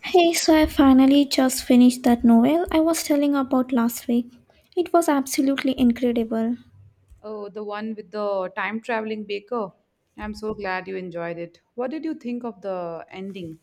Hey, so I finally just finished that novel I was telling about last week. It was absolutely incredible. Oh, the one with the time traveling baker. I'm so glad you enjoyed it. What did you think of the ending?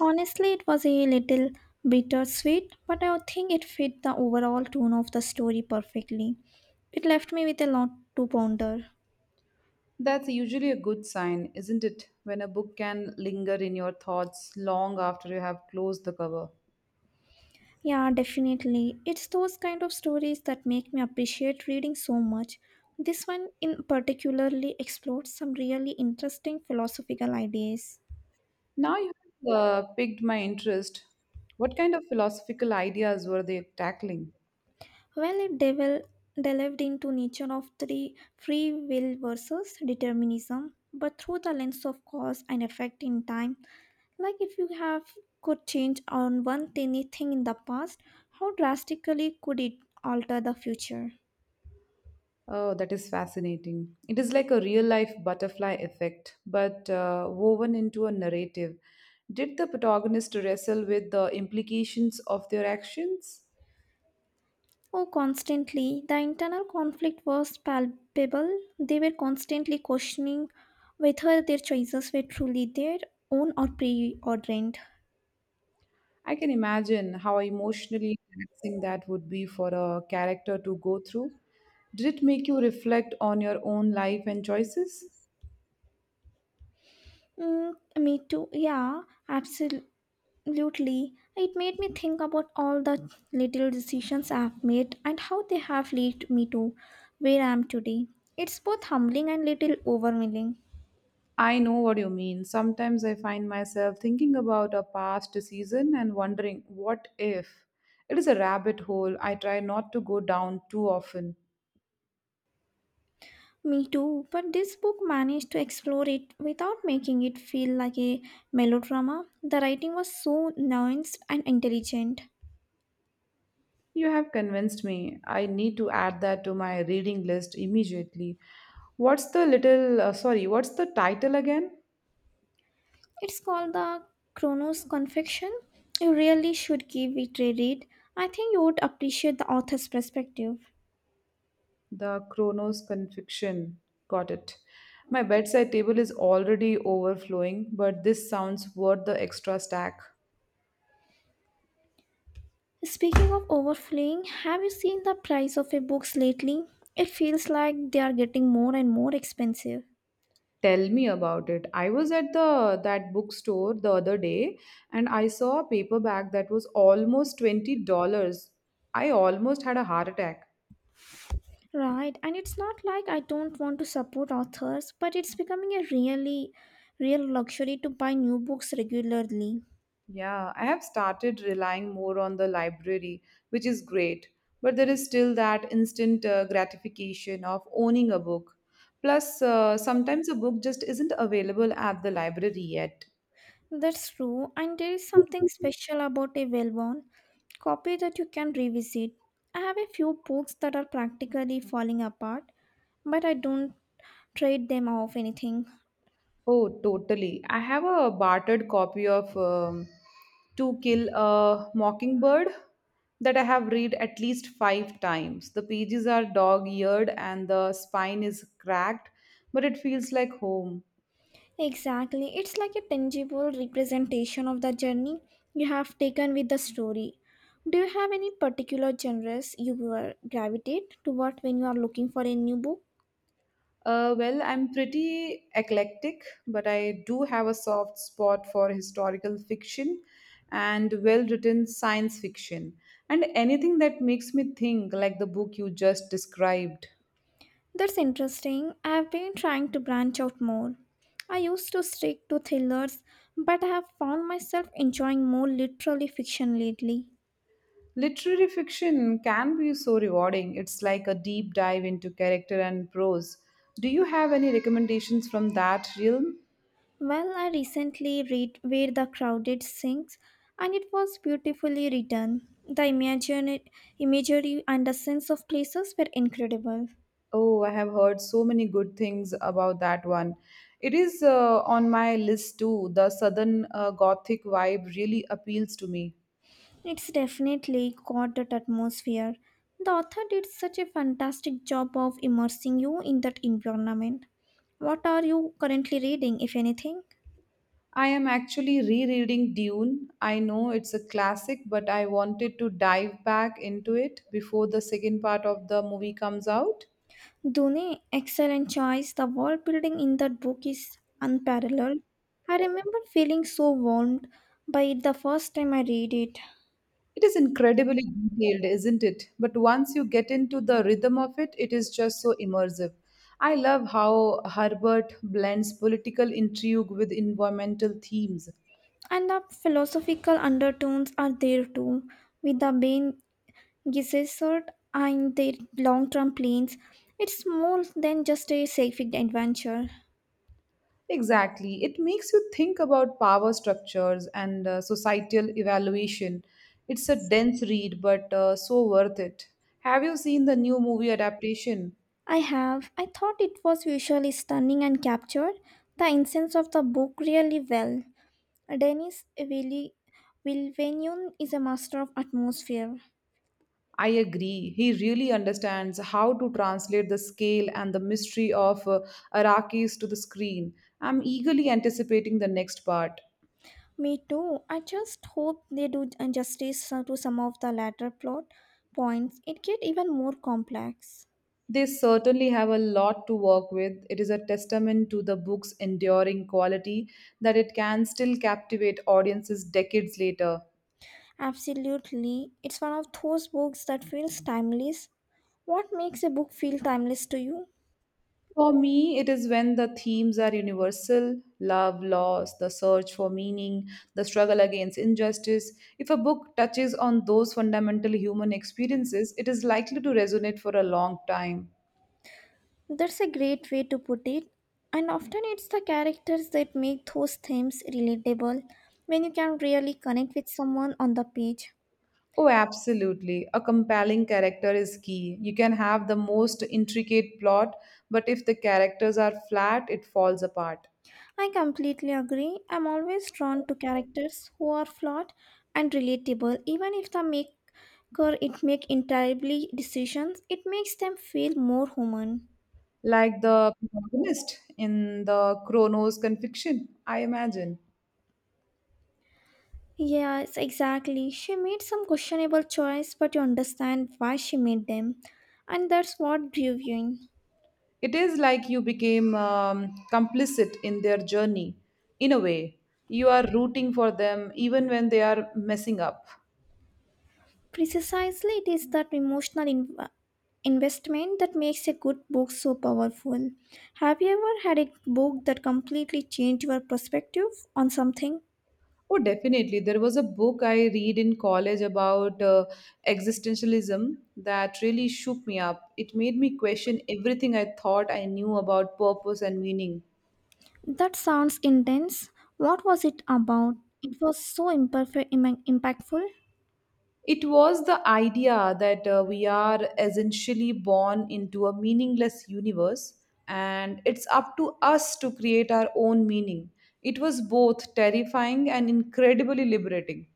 Honestly, it was a little bittersweet, but I think it fit the overall tone of the story perfectly. It left me with a lot to ponder. That's usually a good sign, isn't it? When a book can linger in your thoughts long after you have closed the cover. Yeah, definitely. It's those kind of stories that make me appreciate reading so much. This one in particularly explored some really interesting philosophical ideas. Now you have piqued my interest. What kind of philosophical ideas were they tackling? Well, delved into nature of three free will versus determinism, but through the lens of cause and effect in time. Like if you have could change on one tiny thing in the past, how drastically could it alter the future? Oh, that is fascinating. It is like a real life butterfly effect, but woven into a narrative. Did the protagonist wrestle with the implications of their actions? Oh, constantly. The internal conflict was palpable. They were constantly questioning whether their choices were truly their own or preordained. I can imagine how emotionally taxing that would be for a character to go through. Did it make you reflect on your own life and choices? Mm, me too. Yeah, absolutely. Absolutely. It made me think about all the little decisions I've made and how they have led me to where I am today. It's both humbling and little overwhelming. I know what you mean. Sometimes I find myself thinking about a past season and wondering, what if? It is a rabbit hole I try not to go down too often. Me too, but this book managed to explore it without making it feel like a melodrama. The writing was so nuanced and intelligent. You have convinced me. I need to add that to my reading list immediately. What's the little, sorry, what's the title again? It's called the Chronos Confection. You really should give it a read. I think you would appreciate the author's perspective. The Chronos Conviction. Got it. My bedside table is already overflowing, but this sounds worth the extra stack. Speaking of overflowing, have you seen the price of a books lately? It feels like they are getting more and more expensive. Tell me about it. I was at the that bookstore the other day and I saw a paperback that was almost $20. I almost had a heart attack. Right, and it's not like I don't want to support authors, but it's becoming a really real luxury to buy new books regularly. Yeah, I have started relying more on the library, which is great, but there is still that instant gratification of owning a book. Plus, sometimes a book just isn't available at the library yet. That's true, and there is something special about a well-worn copy that you can revisit. I have a few books that are practically falling apart, but I don't trade them off anything. Oh, totally. I have a bartered copy of To Kill a Mockingbird that I have read at least five times. The pages are dog eared and the spine is cracked, but it feels like home. Exactly. It's like a tangible representation of the journey you have taken with the story. Do you have any particular genres gravitate toward when you are looking for a new book? Well, I'm pretty eclectic, but I do have a soft spot for historical fiction and well written science fiction, and anything that makes me think, like the book you just described. That's interesting. I've been trying to branch out more. I used to stick to thrillers, but I have found myself enjoying more literary fiction lately. Literary fiction can be so rewarding. It's like a deep dive into character and prose. Do you have any recommendations from that realm? Well, I recently read Where the Crowded Sings, and it was beautifully written. The imagery and the sense of places were incredible. Oh, I have heard so many good things about that one. It is on my list too. The Southern Gothic vibe really appeals to me. It's definitely got that atmosphere. The author did such a fantastic job of immersing you in that environment. What are you currently reading, if anything? I am actually rereading Dune. I know it's a classic, but I wanted to dive back into it before the second part of the movie comes out. Dune, excellent choice. The world building in that book is unparalleled. I remember feeling so warmed by it the first time I read it. It is incredibly detailed, isn't it? But once you get into the rhythm of it, it is just so immersive. I love how Herbert blends political intrigue with environmental themes. And the philosophical undertones are there too, with the main Gesserit and their long term plans. It's more than just a sci-fi adventure. Exactly. It makes you think about power structures and societal evaluation. It's a dense read, but so worth it. Have you seen the new movie adaptation? I have. I thought it was visually stunning and captured the essence of the book really well. Denis Villeneuve is a master of atmosphere. I agree. He really understands how to translate the scale and the mystery of Arrakis to the screen. I'm eagerly anticipating the next part. Me too. I just hope they do justice to some of the latter plot points. It get even more complex. They certainly have a lot to work with. It is a testament to the book's enduring quality that it can still captivate audiences decades later. Absolutely. It's one of those books that feels timeless. What makes a book feel timeless to you? For me, it is when the themes are universal love, loss, the search for meaning, the struggle against injustice. If a book touches on those fundamental human experiences, it is likely to resonate for a long time. That's a great way to put it. And often it's the characters that make those themes relatable when you can really connect with someone on the page. Oh, absolutely. A compelling character is key. You can have the most intricate plot, but if the characters are flat, it falls apart. I completely agree. I'm always drawn to characters who are flawed and relatable, even if the maker it make entirely decisions, it makes them feel more human. Like the protagonist in the Chronos Conviction, I imagine. Yes, exactly. She made some questionable choice, but you understand why she made them. And that's what drew you in. It is like you became complicit in their journey. In a way, you are rooting for them even when they are messing up. Precisely, it is that emotional investment that makes a good book so powerful. Have you ever had a book that completely changed your perspective on something? Oh, definitely. There was a book I read in college about existentialism that really shook me up. It made me question everything I thought I knew about purpose and meaning. That sounds intense. What was it about? It was so imperfect, impactful, It was the idea that we are essentially born into a meaningless universe and it's up to us to create our own meaning. It was both terrifying and incredibly liberating.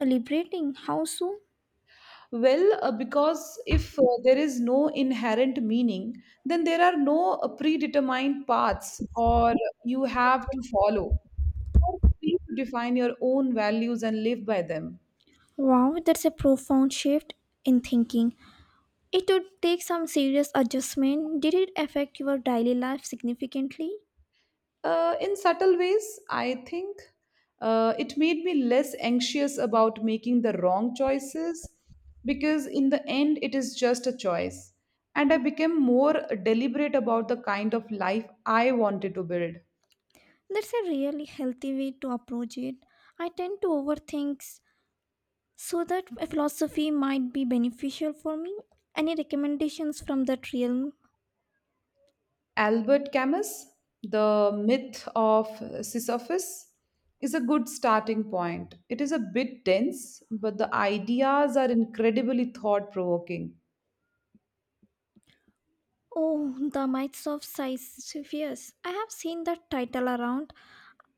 liberating. How so? Well, because if there is no inherent meaning, then there are no predetermined paths or you have to follow. You are free to define your own values and live by them. Wow, that's a profound shift in thinking. It would take some serious adjustment. Did it affect your daily life significantly? In subtle ways, I think it made me less anxious about making the wrong choices because, in the end, it is just a choice. And I became more deliberate about the kind of life I wanted to build. That's a really healthy way to approach it. I tend to overthink, so that a philosophy might be beneficial for me. Any recommendations from that realm? Albert Camus, The Myth of Sisyphus, is a good starting point. It is a bit dense, but the ideas are incredibly thought provoking. Oh, The Mites of Sisyphus. I have seen that title around.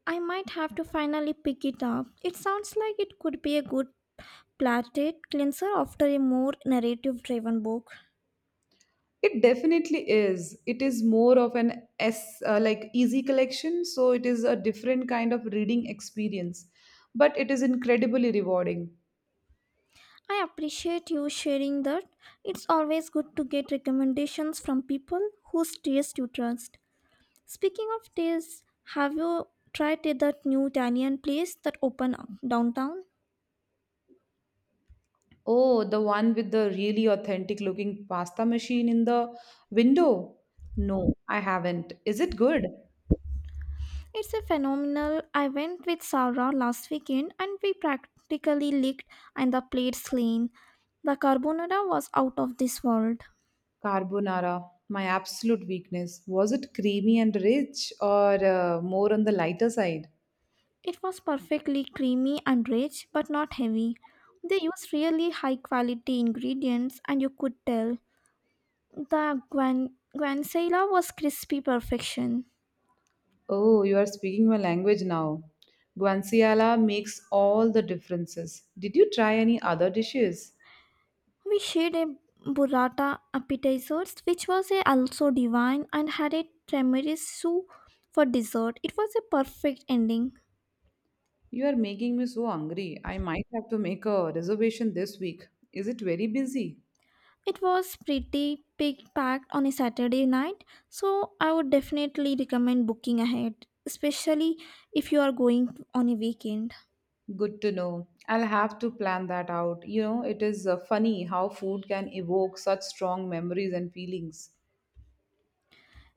I might have to finally pick it up. It sounds like it could be a good palate cleanser after a more narrative driven book. It definitely is. It is more of an S like easy collection, so it is a different kind of reading experience, but it is incredibly rewarding. I appreciate you sharing that. It's always good to get recommendations from people whose taste you trust. Speaking of taste, have you tried that new Italian place that opened up downtown? Oh, the one with the really authentic looking pasta machine in the window? No, I haven't. Is it good? It's a phenomenal. I went with Sarah last weekend and we practically licked and the plates clean. The carbonara was out of this world. Carbonara, my absolute weakness. Was it creamy and rich or more on the lighter side? It was perfectly creamy and rich but not heavy. They used really high quality ingredients and you could tell the guanciale was crispy perfection. Oh, you are speaking my language now. Guanciale makes all the differences. Did you try any other dishes? We shared a burrata appetizers, which was a also divine, and had a tiramisu for dessert. It was a perfect ending. You are making me so hungry. I might have to make a reservation this week. Is it very busy? It was pretty big packed on a Saturday night, so I would definitely recommend booking ahead, especially if you are going on a weekend. Good to know. I'll have to plan that out. You know, it is funny how food can evoke such strong memories and feelings.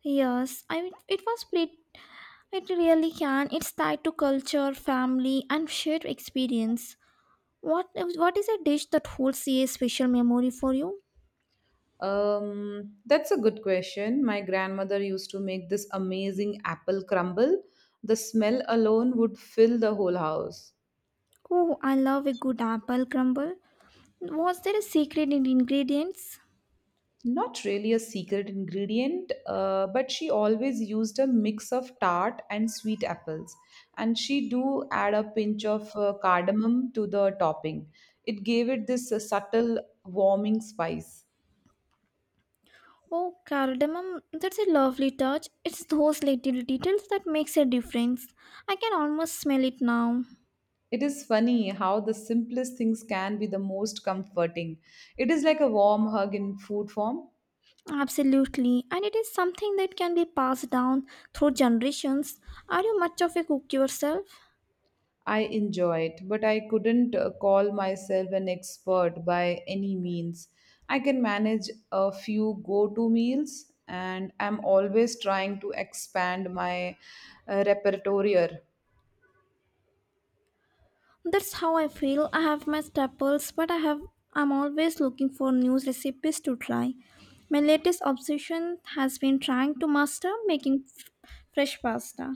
Yes, I mean, it was pretty. It really can. It's tied to culture, family, and shared experience. What what is a dish that holds a special memory for you? That's a good question. My grandmother used to make this amazing apple crumble. The smell alone would fill the whole house. Oh, I love a good apple crumble. Was there a secret in ingredients? Not really a secret ingredient, but she always used a mix of tart and sweet apples. And she do add a pinch of cardamom to the topping. It gave it this subtle warming spice. Oh, cardamom, that's a lovely touch. It's those little details that makes a difference. I can almost smell it now. It is funny how the simplest things can be the most comforting. It is like a warm hug in food form. Absolutely, and it is something that can be passed down through generations. Are you much of a cook yourself? I enjoyed, but I couldn't call myself an expert by any means. I can manage a few go to meals, and I'm always trying to expand my repertoire. That's how I feel. I have my staples, but I'm always looking for new recipes to try. My latest obsession has been trying to master making fresh pasta.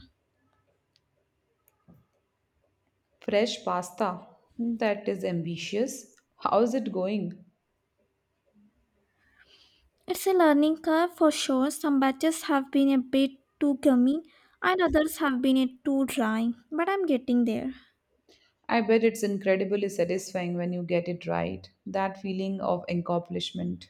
Fresh pasta. That is ambitious. How's it going? It's a learning curve for sure. Some batches have been a bit too gummy and others have been a too dry, but I'm getting there. I bet it's incredibly satisfying when you get it right. That feeling of accomplishment.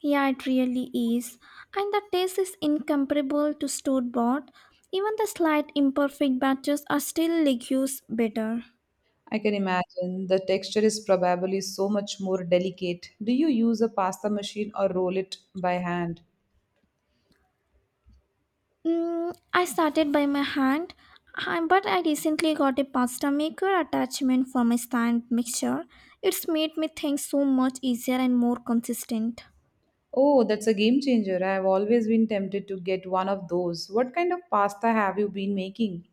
Yeah, it really is. And the taste is incomparable to store bought. Even the slight imperfect batches are still legumes better. I can imagine the texture is probably so much more delicate. Do you use a pasta machine or roll it by hand? Mm, I started by my hand, but I recently got a pasta maker attachment for my stand mixture. It's made me think so much easier and more consistent. Oh, that's a game changer. I have always been tempted to get one of those. What kind of pasta have you been making?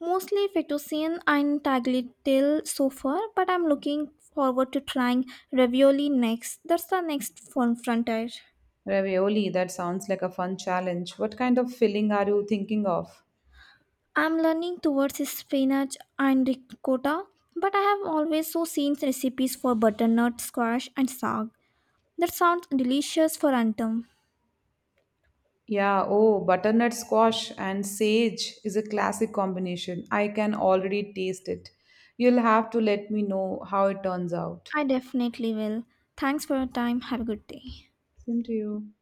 Mostly fettuccine and tagliatelle so far, but I'm looking forward to trying ravioli next. That's the next fun frontier. Ravioli, that sounds like a fun challenge. What kind of filling are you thinking of? I'm learning towards spinach and ricotta, but I have always so seen recipes for butternut squash and sag. That sounds delicious for autumn. Yeah, oh, butternut squash and sage is a classic combination. I can already taste it. You'll have to let me know how it turns out. I definitely will. Thanks for your time. Have a good day. Same to you.